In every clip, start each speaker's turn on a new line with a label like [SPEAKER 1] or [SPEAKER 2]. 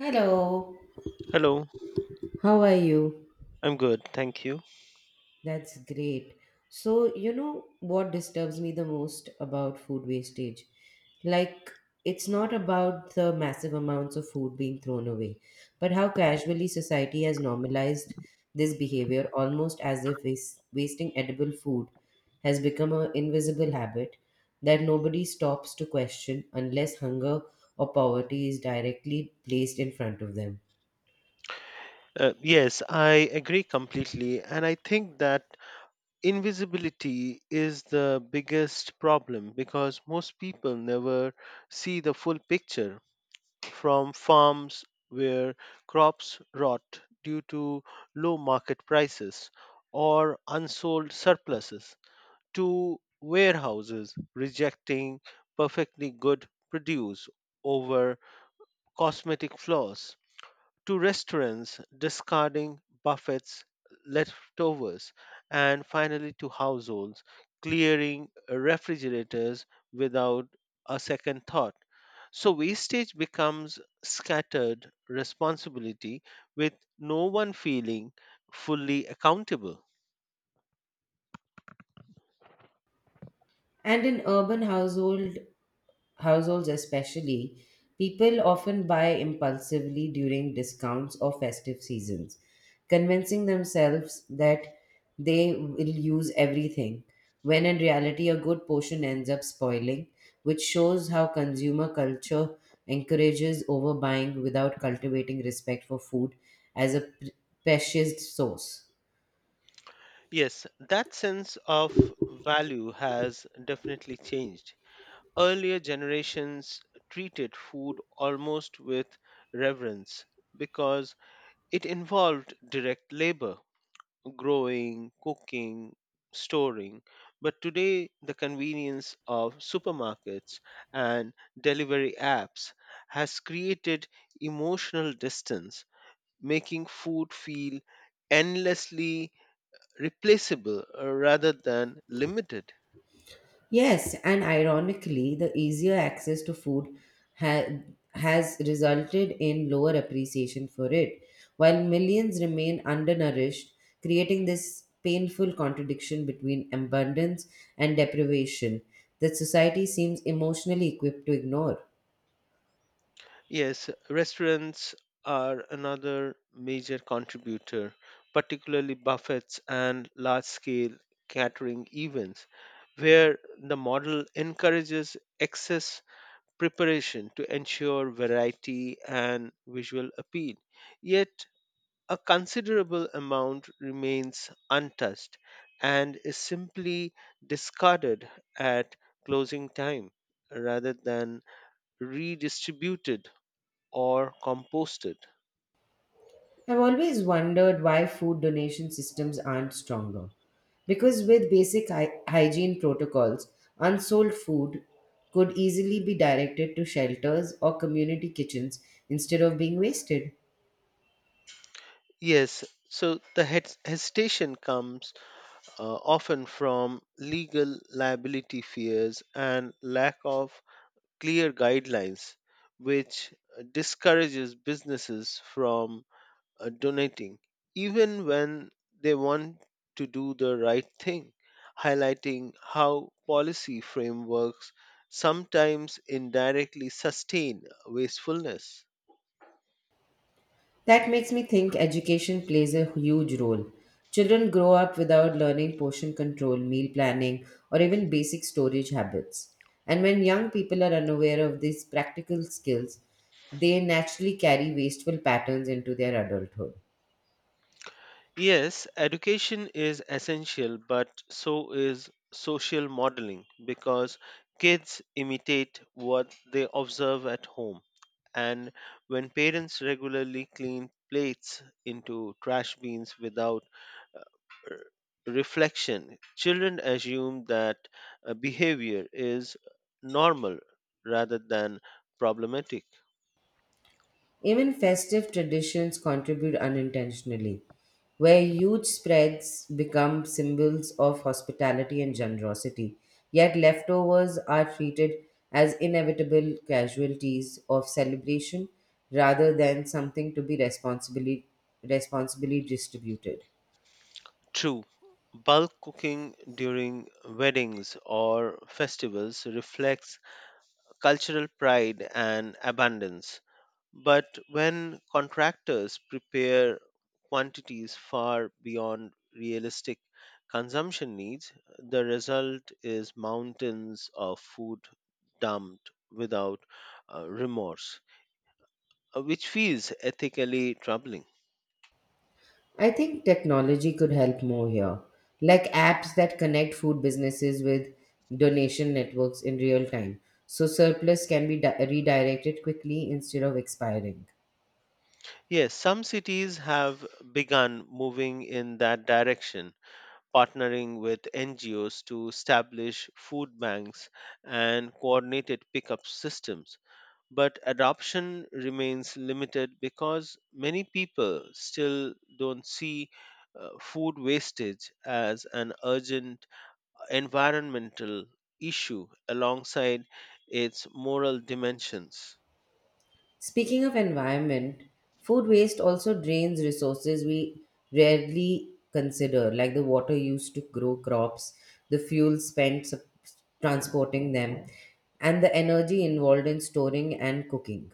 [SPEAKER 1] Hello,
[SPEAKER 2] Hello,
[SPEAKER 1] how are you?
[SPEAKER 2] I'm good, thank you.
[SPEAKER 1] That's great. So, you know what disturbs me the most about food wastage? Like, it's not about the massive amounts of food being thrown away, but how casually society has normalized this behavior almost as if wasting edible food has become an invisible habit that stops to question unless hunger or poverty is directly placed in front of them.
[SPEAKER 2] Yes, I agree completely. And I think that invisibility is the biggest problem because most people never see the full picture from farms where crops rot due to low market prices or unsold surpluses to warehouses rejecting perfectly good produce over cosmetic flaws to restaurants discarding buffets, leftovers, and finally to households clearing refrigerators without a second thought. So wastage becomes scattered responsibility with no one feeling fully accountable.
[SPEAKER 1] And in urban households especially, people often buy impulsively during discounts or festive seasons, convincing themselves that they will use everything, when in reality, a good portion ends up spoiling, which shows how consumer culture encourages overbuying without cultivating respect for food as a precious source.
[SPEAKER 2] Yes, that sense of value has definitely changed. Earlier generations treated food almost with reverence because it involved direct labor, growing, cooking, storing. But today, the convenience of supermarkets and delivery apps has created emotional distance, making food feel endlessly replaceable rather than limited.
[SPEAKER 1] Yes, and ironically, the easier access to food ha- has resulted in lower appreciation for it, while millions remain undernourished, creating this painful contradiction between abundance and deprivation that society seems emotionally equipped to ignore.
[SPEAKER 2] Yes, restaurants are another major contributor, particularly buffets and large scale catering events, where the model encourages excess preparation to ensure variety and visual appeal. Yet, a considerable amount remains untouched and is simply discarded at closing time rather than redistributed or composted.
[SPEAKER 1] I've always wondered why food donation systems aren't stronger. Because with basic hygiene protocols, unsold food could easily be directed to shelters or community kitchens instead of being wasted.
[SPEAKER 2] Yes, so the hesitation comes often from legal liability fears and lack of clear guidelines, which discourages businesses from donating, even when they want to do the right thing, highlighting how policy frameworks sometimes indirectly sustain wastefulness.
[SPEAKER 1] That makes me think education plays a huge role. Children grow up without learning portion control, meal planning, or even basic storage habits. And when young people are unaware of these practical skills, they naturally carry wasteful patterns into their adulthood.
[SPEAKER 2] Yes, education is essential, but so is social modeling because kids imitate what they observe at home. And when parents regularly clean plates into trash bins without uh, reflection, children assume that behavior is normal rather than problematic.
[SPEAKER 1] Even festive traditions contribute unintentionally, where huge spreads become symbols of hospitality and generosity, yet leftovers are treated as inevitable casualties of celebration rather than something to be responsibly distributed.
[SPEAKER 2] True, bulk cooking during weddings or festivals reflects cultural pride and abundance. But when contractors prepare quantities far beyond realistic consumption needs, the result is mountains of food dumped without remorse, which feels ethically troubling.
[SPEAKER 1] I think technology could help more here, like apps that connect food businesses with donation networks in real time, so surplus can be redirected quickly instead of expiring.
[SPEAKER 2] Yes, some cities have begun moving in that direction partnering with NGOs to establish food banks and coordinated pickup systems. But adoption remains limited because many people still don't see food wastage as an urgent environmental issue alongside its moral dimensions.
[SPEAKER 1] Speaking of environment, food waste also drains resources we rarely consider, like the water used to grow crops, the fuel spent transporting them, and the energy involved in storing and cooking.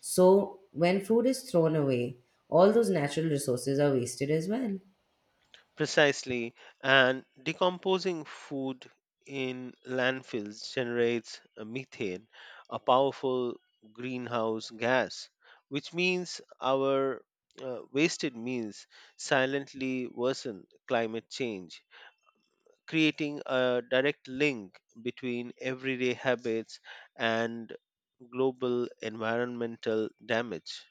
[SPEAKER 1] So, when food is thrown away, all those natural resources are wasted as well.
[SPEAKER 2] Precisely, and decomposing food in landfills generates a methane, a powerful greenhouse gas, which means our wasted meals silently worsen climate change, creating a direct link between everyday habits and global environmental damage.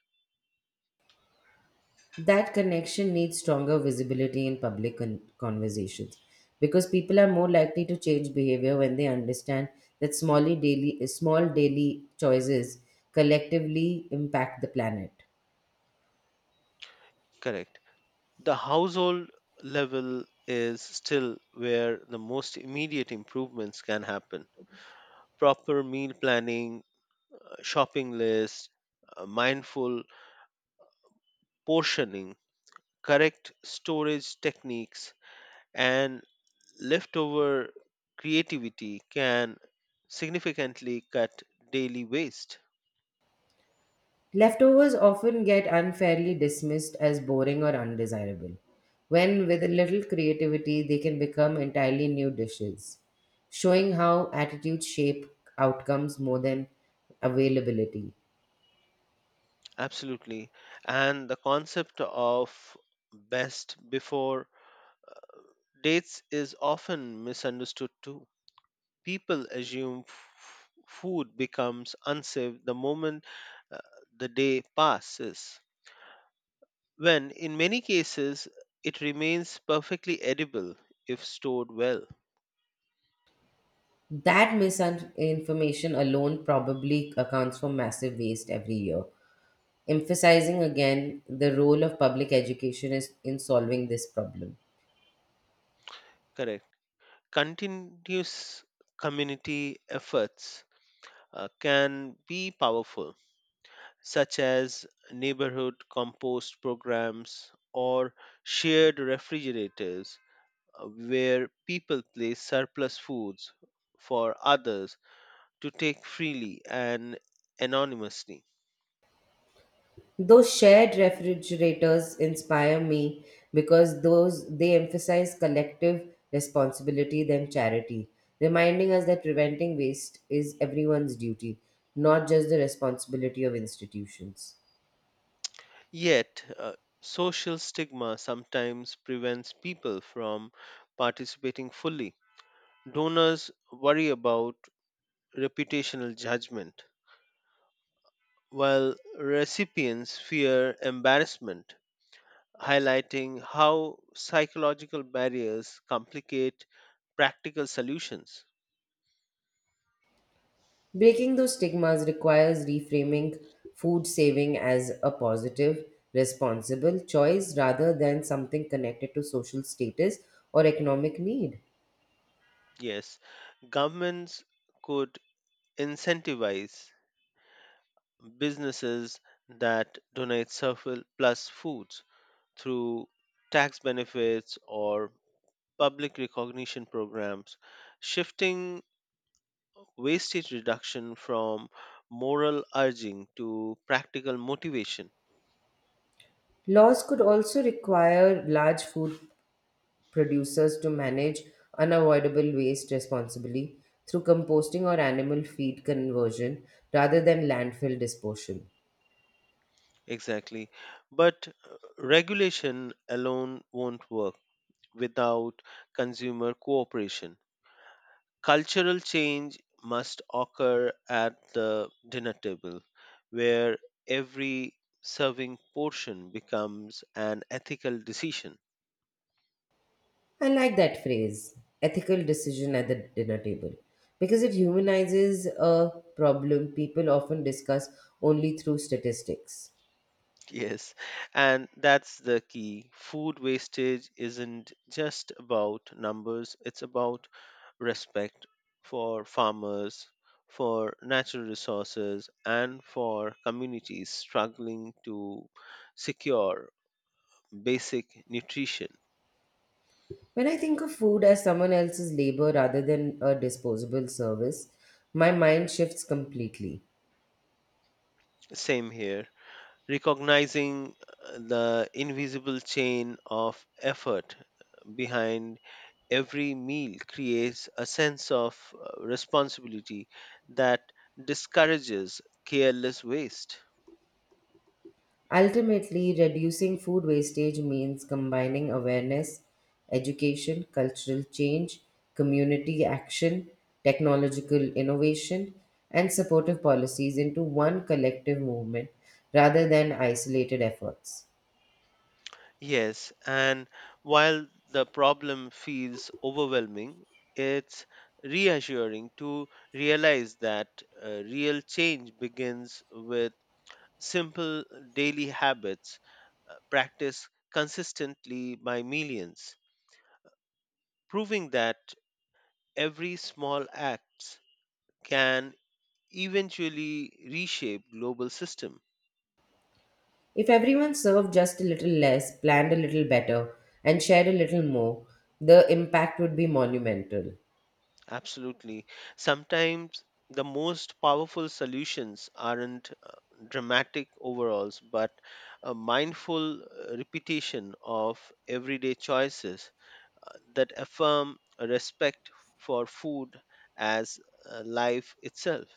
[SPEAKER 1] That connection needs stronger visibility in public conversations because people are more likely to change behavior when they understand that small daily choices collectively impact the planet.
[SPEAKER 2] Correct. The household level is still where the most immediate improvements can happen. Proper meal planning, shopping list, mindful portioning, correct storage techniques, and leftover creativity can significantly cut daily waste.
[SPEAKER 1] Leftovers often get unfairly dismissed as boring or undesirable, when with a little creativity they can become entirely new dishes, showing how attitudes shape outcomes more than availability.
[SPEAKER 2] Absolutely. And the concept of best before dates is often misunderstood too. People assume food becomes unsafe the moment uh, the day passes, when in many cases it remains perfectly edible if stored well.
[SPEAKER 1] That misinformation alone probably accounts for massive waste every year, emphasizing again the role of public education is in solving this problem.
[SPEAKER 2] Correct. Continuous community efforts can be powerful such as neighborhood compost programs or shared refrigerators, where people place surplus foods for others to take freely and anonymously.
[SPEAKER 1] Those shared refrigerators inspire me because those they emphasize collective responsibility than charity, reminding us that preventing waste is everyone's duty, not just the responsibility of institutions.
[SPEAKER 2] Yet, social stigma sometimes prevents people from participating fully. Donors worry about reputational judgment, while recipients fear embarrassment highlighting how psychological barriers complicate practical solutions.
[SPEAKER 1] Breaking those stigmas requires reframing food saving as a positive, responsible choice rather than something connected to social status or economic need.
[SPEAKER 2] Yes, governments could incentivize businesses that donate surplus foods through tax benefits or public recognition programs, shifting wastage reduction from moral urging to practical motivation.
[SPEAKER 1] Laws could also require large food producers to manage unavoidable waste responsibly through composting or animal feed conversion rather than landfill disposal.
[SPEAKER 2] Exactly. But regulation alone won't work without consumer cooperation. Cultural change must occur at the dinner table, where every serving portion becomes an ethical decision.
[SPEAKER 1] I like that phrase, ethical decision at the dinner table, because it humanizes a problem people often discuss only through statistics.
[SPEAKER 2] Yes, and that's the key. Food wastage isn't just about numbers, it's about respect for farmers, for natural resources, and for communities struggling to secure basic nutrition.
[SPEAKER 1] When I think of food as someone else's labor rather than a disposable service, my mind shifts completely.
[SPEAKER 2] Same here. Recognizing the invisible chain of effort behind every meal creates a sense of responsibility that discourages careless waste.
[SPEAKER 1] Ultimately, reducing food wastage means combining awareness, education, cultural change, community action, technological innovation, and supportive policies into one collective movement rather than isolated efforts.
[SPEAKER 2] Yes, and while the problem feels overwhelming, it's reassuring to realize that real change begins with simple daily habits practiced consistently by millions, proving that every small act can eventually reshape global system.
[SPEAKER 1] If everyone served just a little less, planned a little better, and shared a little more, the impact would be monumental.
[SPEAKER 2] Absolutely. Sometimes the most powerful solutions aren't dramatic overalls, but a mindful repetition of everyday choices that affirm a respect for food as life itself.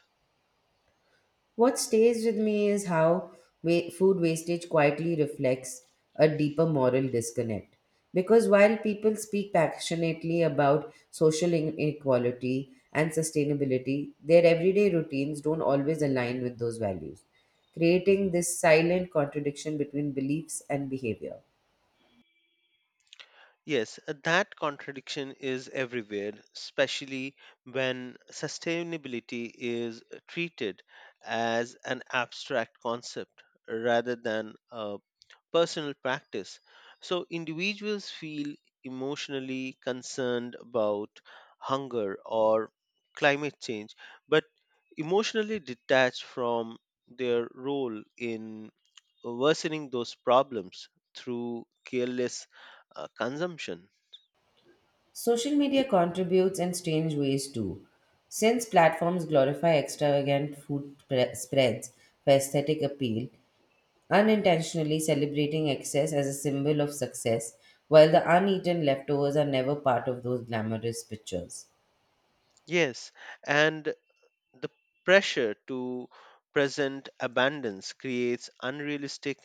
[SPEAKER 1] What stays with me is how food wastage quietly reflects a deeper moral disconnect. Because while people speak passionately about social inequality and sustainability, their everyday routines don't always align with those values, creating this silent contradiction between beliefs and behavior.
[SPEAKER 2] Yes, that contradiction is everywhere, especially when sustainability is treated as an abstract concept rather than a personal practice. So individuals feel emotionally concerned about hunger or climate change, but emotionally detached from their role in worsening those problems through careless consumption.
[SPEAKER 1] Social media contributes in strange ways too. Since platforms glorify extravagant spreads for aesthetic appeal, unintentionally celebrating excess as a symbol of success, while the uneaten leftovers are never part of those glamorous pictures.
[SPEAKER 2] Yes, and the pressure to present abundance creates unrealistic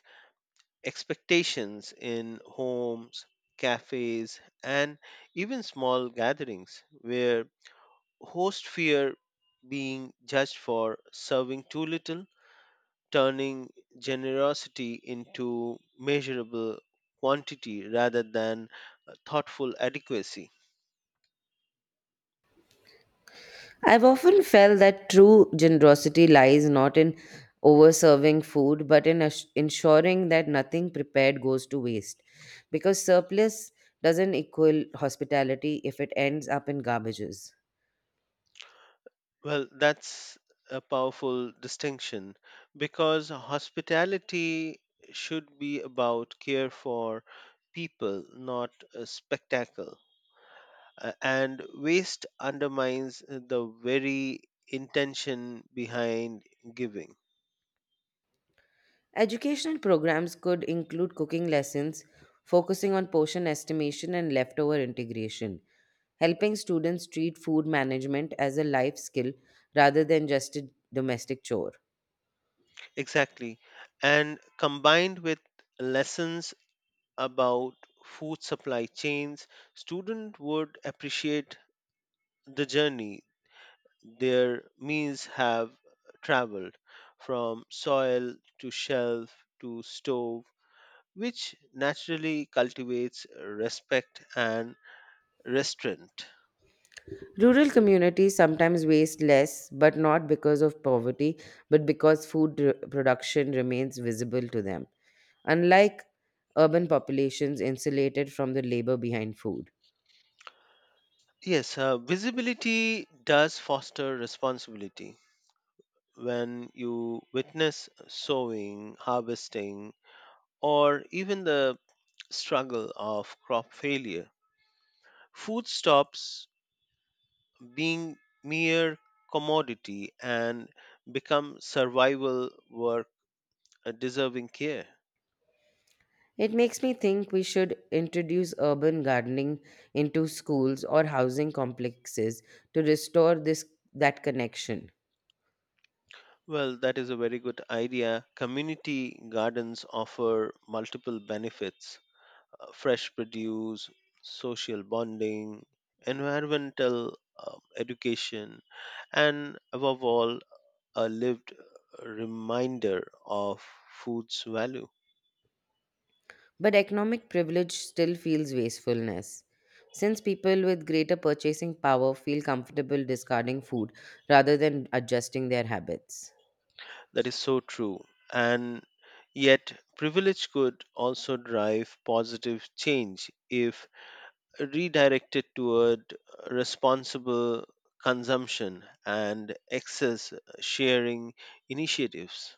[SPEAKER 2] expectations in homes, cafes, and even small gatherings where hosts fear being judged for serving too little, turning generosity into measurable quantity rather than thoughtful adequacy.
[SPEAKER 1] I've often felt that true generosity lies not in overserving food, but in ensuring that nothing prepared goes to waste. Because surplus doesn't equal hospitality if it ends up in garbages.
[SPEAKER 2] Well, that's a powerful distinction because hospitality should be about care for people, not a spectacle. And waste undermines the very intention behind giving.
[SPEAKER 1] Educational programs could include cooking lessons focusing on portion estimation and leftover integration, helping students treat food management as a life skill rather than just a domestic chore.
[SPEAKER 2] Exactly. And combined with lessons about food supply chains, student would appreciate the journey their meals have traveled from soil to shelf to stove, which naturally cultivates respect and restraint.
[SPEAKER 1] Rural communities sometimes waste less, but not because of poverty, but because food production remains visible to them, unlike urban populations insulated from the labor behind food.
[SPEAKER 2] Yes, visibility does foster responsibility. When you witness sowing, harvesting, or even the struggle of crop failure, food stops being mere commodity and become survival work deserving care.
[SPEAKER 1] It makes me think we should introduce urban gardening into schools or housing complexes to restore this that connection.
[SPEAKER 2] Well, that is a very good idea. Community gardens offer multiple benefits fresh produce, social bonding, environmental education, and above all, a lived reminder of food's value.
[SPEAKER 1] But economic privilege still feels wastefulness. Since people with greater purchasing power feel comfortable discarding food rather than adjusting their habits.
[SPEAKER 2] That is so true. And yet, privilege could also drive positive change if redirected toward responsible consumption and excess sharing initiatives.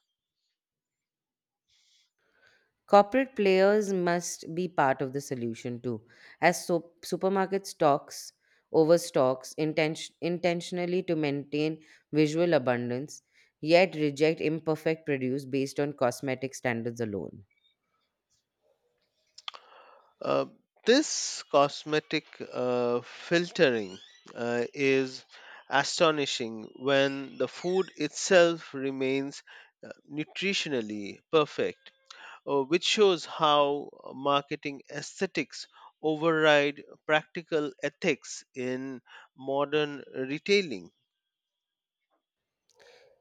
[SPEAKER 1] Corporate players must be part of the solution too, as supermarket stocks overstocks intentionally to maintain visual abundance, yet reject imperfect produce based on cosmetic standards alone.
[SPEAKER 2] Uh, this cosmetic filtering is astonishing when the food itself remains nutritionally perfect which shows how marketing aesthetics override practical ethics in modern retailing.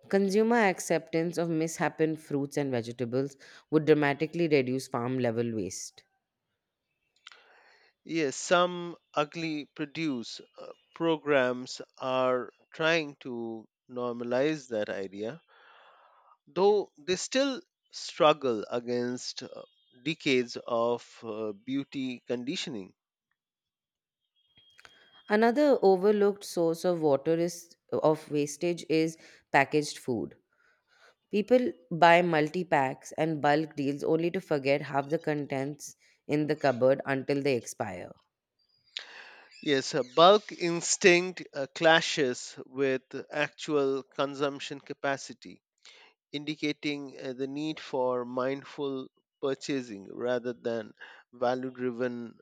[SPEAKER 1] Consumer acceptance of mishappen fruits and vegetables would dramatically reduce farm level waste.
[SPEAKER 2] Yes, some ugly produce programs are trying to normalize that idea, though they still struggle against decades of beauty conditioning.
[SPEAKER 1] Another overlooked source of water is of wastage is packaged food. People buy multi packs and bulk deals only to forget half the contents in the cupboard until they expire.
[SPEAKER 2] Yes, bulk instinct clashes with actual consumption capacity indicating the need for mindful purchasing rather than value driven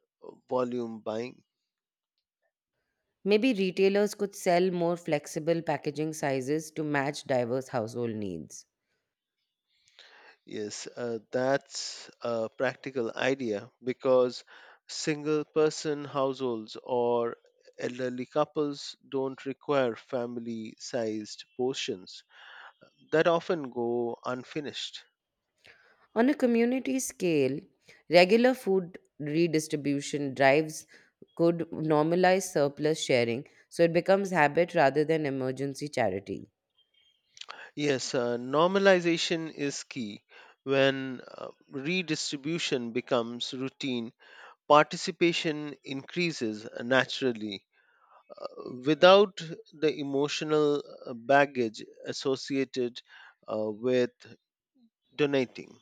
[SPEAKER 2] volume buying.
[SPEAKER 1] Maybe retailers could sell more flexible packaging sizes to match diverse household needs.
[SPEAKER 2] Yes, that's a practical idea because single person households or elderly couples don't require family sized portions that often go unfinished.
[SPEAKER 1] On a community scale, regular food redistribution drives could normalize surplus sharing so it becomes habit rather than emergency charity.
[SPEAKER 2] Yes, normalization is key when redistribution becomes routine participation increases naturally uh, without the emotional baggage associated with donating.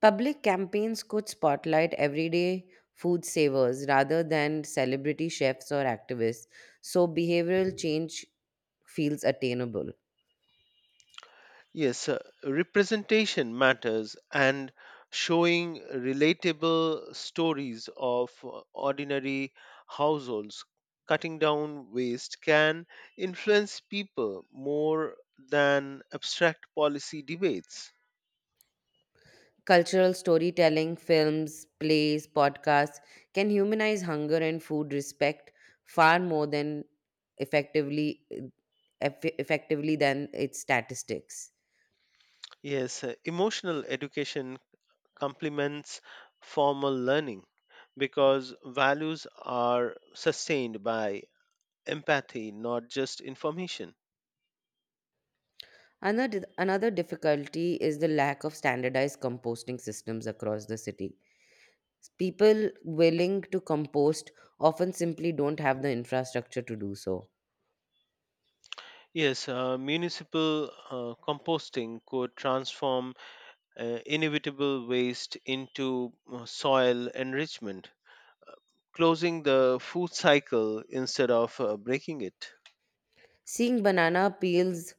[SPEAKER 1] Public campaigns could spotlight everyday food savers rather than celebrity chefs or activists, so behavioral change feels attainable.
[SPEAKER 2] Yes, representation matters and showing relatable stories of ordinary households cutting down waste can influence people more than abstract policy debates.
[SPEAKER 1] Cultural storytelling, films, plays, podcasts can humanize hunger and food respect far more than effectively effectively than its statistics.
[SPEAKER 2] Yes, emotional education complements formal learning because values are sustained by empathy, not just information.
[SPEAKER 1] Another difficulty is the lack of standardized composting systems across the city. People willing to compost often simply don't have the infrastructure to do so.
[SPEAKER 2] Yes, municipal composting could transform inevitable waste into soil enrichment, closing the food cycle instead of breaking it.
[SPEAKER 1] Seeing banana peels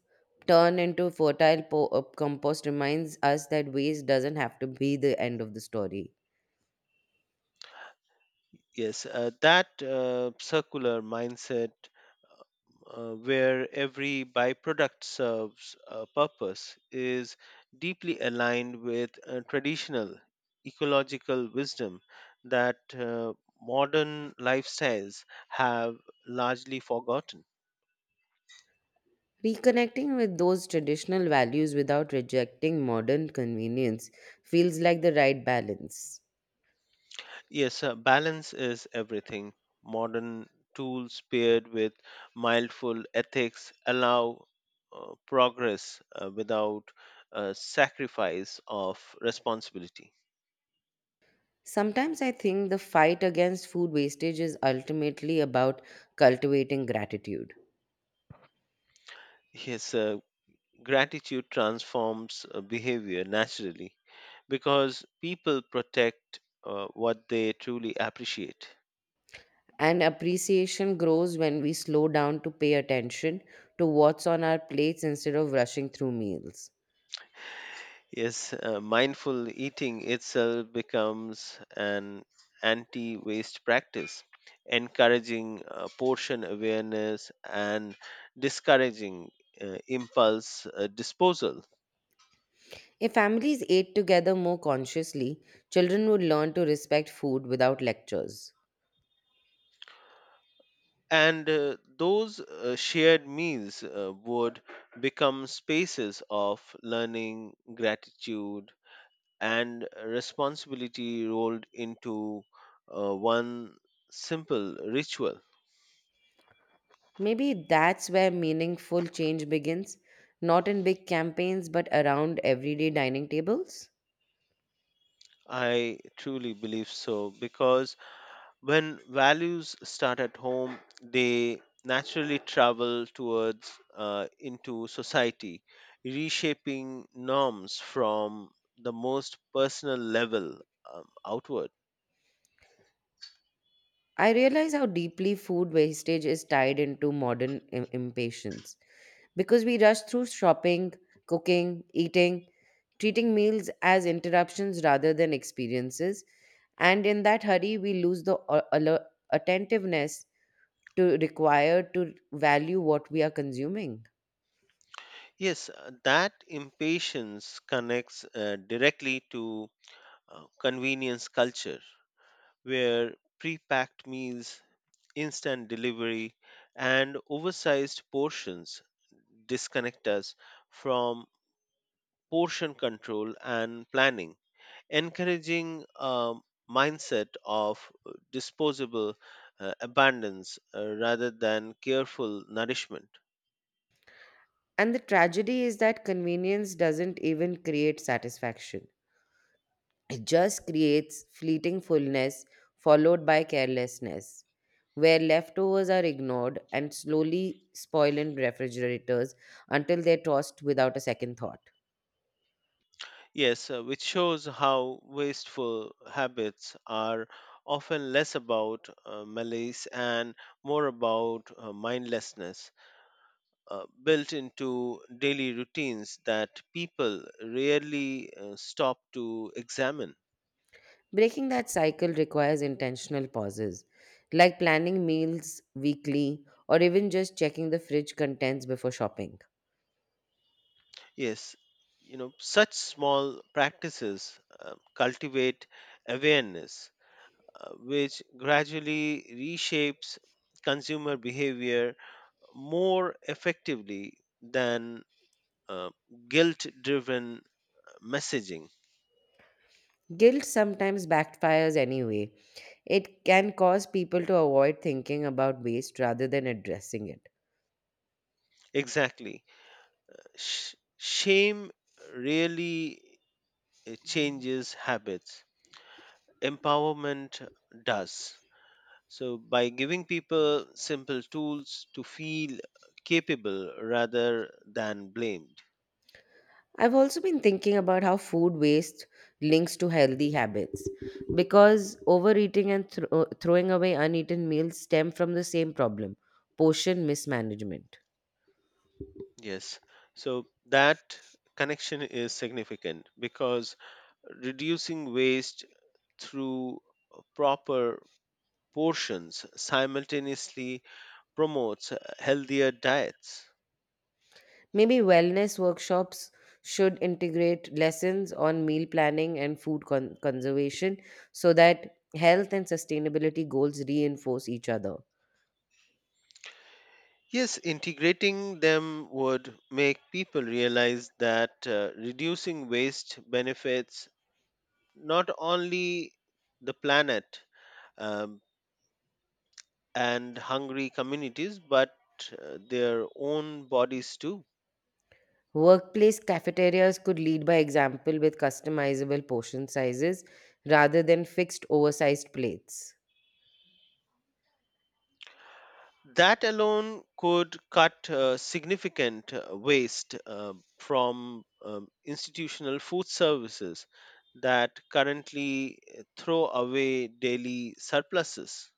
[SPEAKER 1] turn into fertile compost reminds us that waste doesn't have to be the end of the story.
[SPEAKER 2] Yes, that circular mindset where every byproduct serves a purpose is deeply aligned with traditional ecological wisdom that modern lifestyles have largely forgotten.
[SPEAKER 1] Reconnecting with those traditional values without rejecting modern convenience feels like the right balance.
[SPEAKER 2] Yes, balance is everything. Modern tools paired with mindful ethics allow progress without sacrifice of responsibility.
[SPEAKER 1] Sometimes I think the fight against food wastage is ultimately about cultivating gratitude.
[SPEAKER 2] Yes, gratitude transforms behavior naturally because people protect what they truly appreciate.
[SPEAKER 1] And appreciation grows when we slow down to pay attention to what's on our plates instead of rushing through meals.
[SPEAKER 2] Yes, mindful eating itself becomes an anti waste practice, encouraging portion awareness and discouraging impulse disposal.
[SPEAKER 1] If families ate together more consciously, children would learn to respect food without lectures.
[SPEAKER 2] And those shared meals would become spaces of learning, gratitude, and responsibility rolled into one simple ritual.
[SPEAKER 1] Maybe that's where meaningful change begins, not in big campaigns but around everyday dining tables.
[SPEAKER 2] I truly believe so because when values start at home, they naturally travel towards into society, reshaping norms from the most personal level outward.
[SPEAKER 1] I realize how deeply food wastage is tied into modern impatience because we rush through shopping, cooking, eating, treating meals as interruptions rather than experiences. And in that hurry, we lose the attentiveness to require to value what we are consuming.
[SPEAKER 2] Yes, that impatience connects directly to convenience culture where pre-packed meals, instant delivery, and oversized portions disconnect us from portion control and planning, encouraging a mindset of disposable abundance rather than careful nourishment.
[SPEAKER 1] And the tragedy is that convenience doesn't even create satisfaction. It just creates fleeting fullness followed by carelessness, where leftovers are ignored and slowly spoil in refrigerators until they're tossed without a second thought.
[SPEAKER 2] Yes, which shows how wasteful habits are often less about malice and more about mindlessness. Built into daily routines that people rarely stop to examine.
[SPEAKER 1] Breaking that cycle requires intentional pauses, like planning meals weekly or even just checking the fridge contents before shopping.
[SPEAKER 2] Yes, you know, such small practices cultivate awareness, which gradually reshapes consumer behavior more effectively than uh, guilt driven messaging.
[SPEAKER 1] Guilt sometimes backfires anyway. It can cause people to avoid thinking about waste rather than addressing it.
[SPEAKER 2] Exactly. Shame really changes habits empowerment does. So, by giving people simple tools to feel capable rather than blamed.
[SPEAKER 1] I've also been thinking about how food waste links to healthy habits because overeating and throwing away uneaten meals stem from the same problem portion mismanagement.
[SPEAKER 2] Yes. So, that connection is significant because reducing waste through proper portions simultaneously promotes healthier diets.
[SPEAKER 1] Maybe wellness workshops should integrate lessons on meal planning and food conservation so that health and sustainability goals reinforce each other.
[SPEAKER 2] Yes, integrating them would make people realize that reducing waste benefits not only the planet um, and hungry communities, but their own bodies too.
[SPEAKER 1] Workplace cafeterias could lead by example with customizable portion sizes rather than fixed oversized plates.
[SPEAKER 2] That alone could cut significant waste from institutional food services that currently throw away daily surpluses.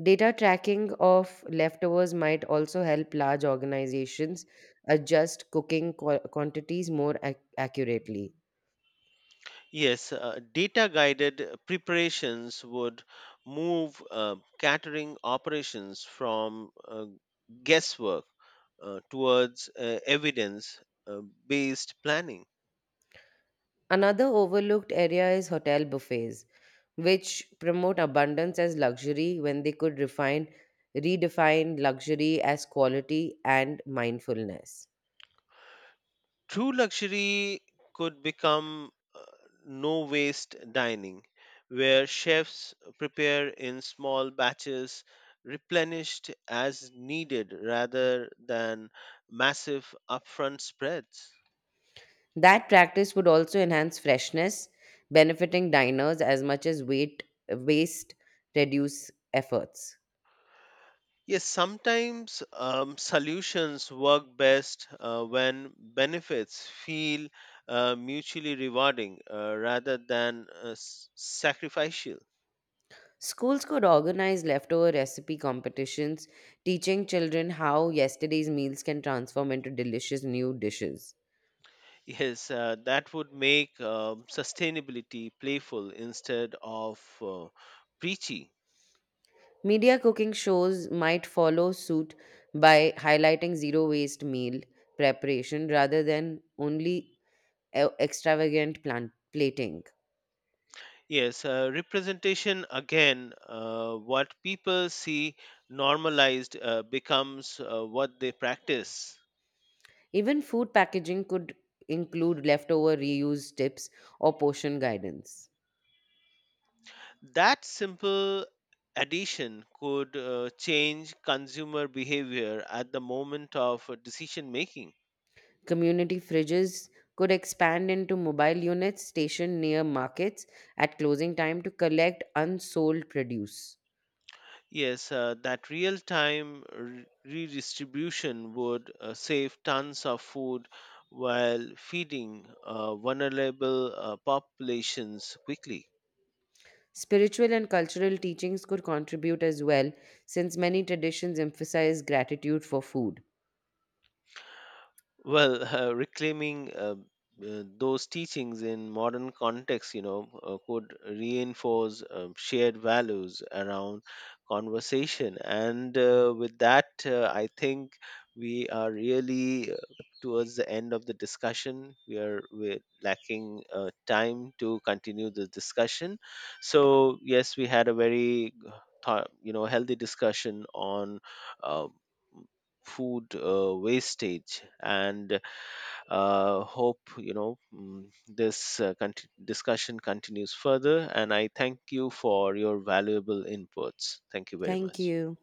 [SPEAKER 1] Data tracking of leftovers might also help large organizations adjust cooking quantities more accurately.
[SPEAKER 2] Yes, data guided preparations would move catering operations from guesswork towards evidence based planning.
[SPEAKER 1] Another overlooked area is hotel buffets, which promote abundance as luxury when they could refine redefine luxury as quality and mindfulness.
[SPEAKER 2] True luxury could become no waste dining, where chefs prepare in small batches, replenished as needed rather than massive upfront spreads.
[SPEAKER 1] That practice would also enhance freshness benefiting diners as much as weight waste reduce efforts.
[SPEAKER 2] Yes, sometimes solutions work best when benefits feel mutually rewarding rather than sacrificial.
[SPEAKER 1] Schools could organize leftover recipe competitions teaching children how yesterday's meals can transform into delicious new dishes.
[SPEAKER 2] Yes, that would make sustainability playful instead of preachy.
[SPEAKER 1] Media cooking shows might follow suit by highlighting zero waste meal preparation rather than only extravagant plant plating.
[SPEAKER 2] Yes, representation again, what people see normalized becomes what they practice.
[SPEAKER 1] Even food packaging could include leftover reuse tips or portion guidance.
[SPEAKER 2] That simple addition could change consumer behavior at the moment of decision making.
[SPEAKER 1] Community fridges could expand into mobile units stationed near markets at closing time to collect unsold produce.
[SPEAKER 2] Yes, that real time redistribution would save tons of food while feeding vulnerable populations quickly.
[SPEAKER 1] Spiritual and cultural teachings could contribute as well, since many traditions emphasize gratitude for food.
[SPEAKER 2] Well, reclaiming those teachings in modern context, you know, could reinforce shared values around conversation, and with that, I think we are really towards the end of the discussion. We're lacking time to continue the discussion. So yes, we had a very, thought, you know, healthy discussion on. Uh, Food wastage and hope you know this discussion continues further and I thank you for your valuable inputs. Thank you very
[SPEAKER 1] Thank
[SPEAKER 2] much.
[SPEAKER 1] you.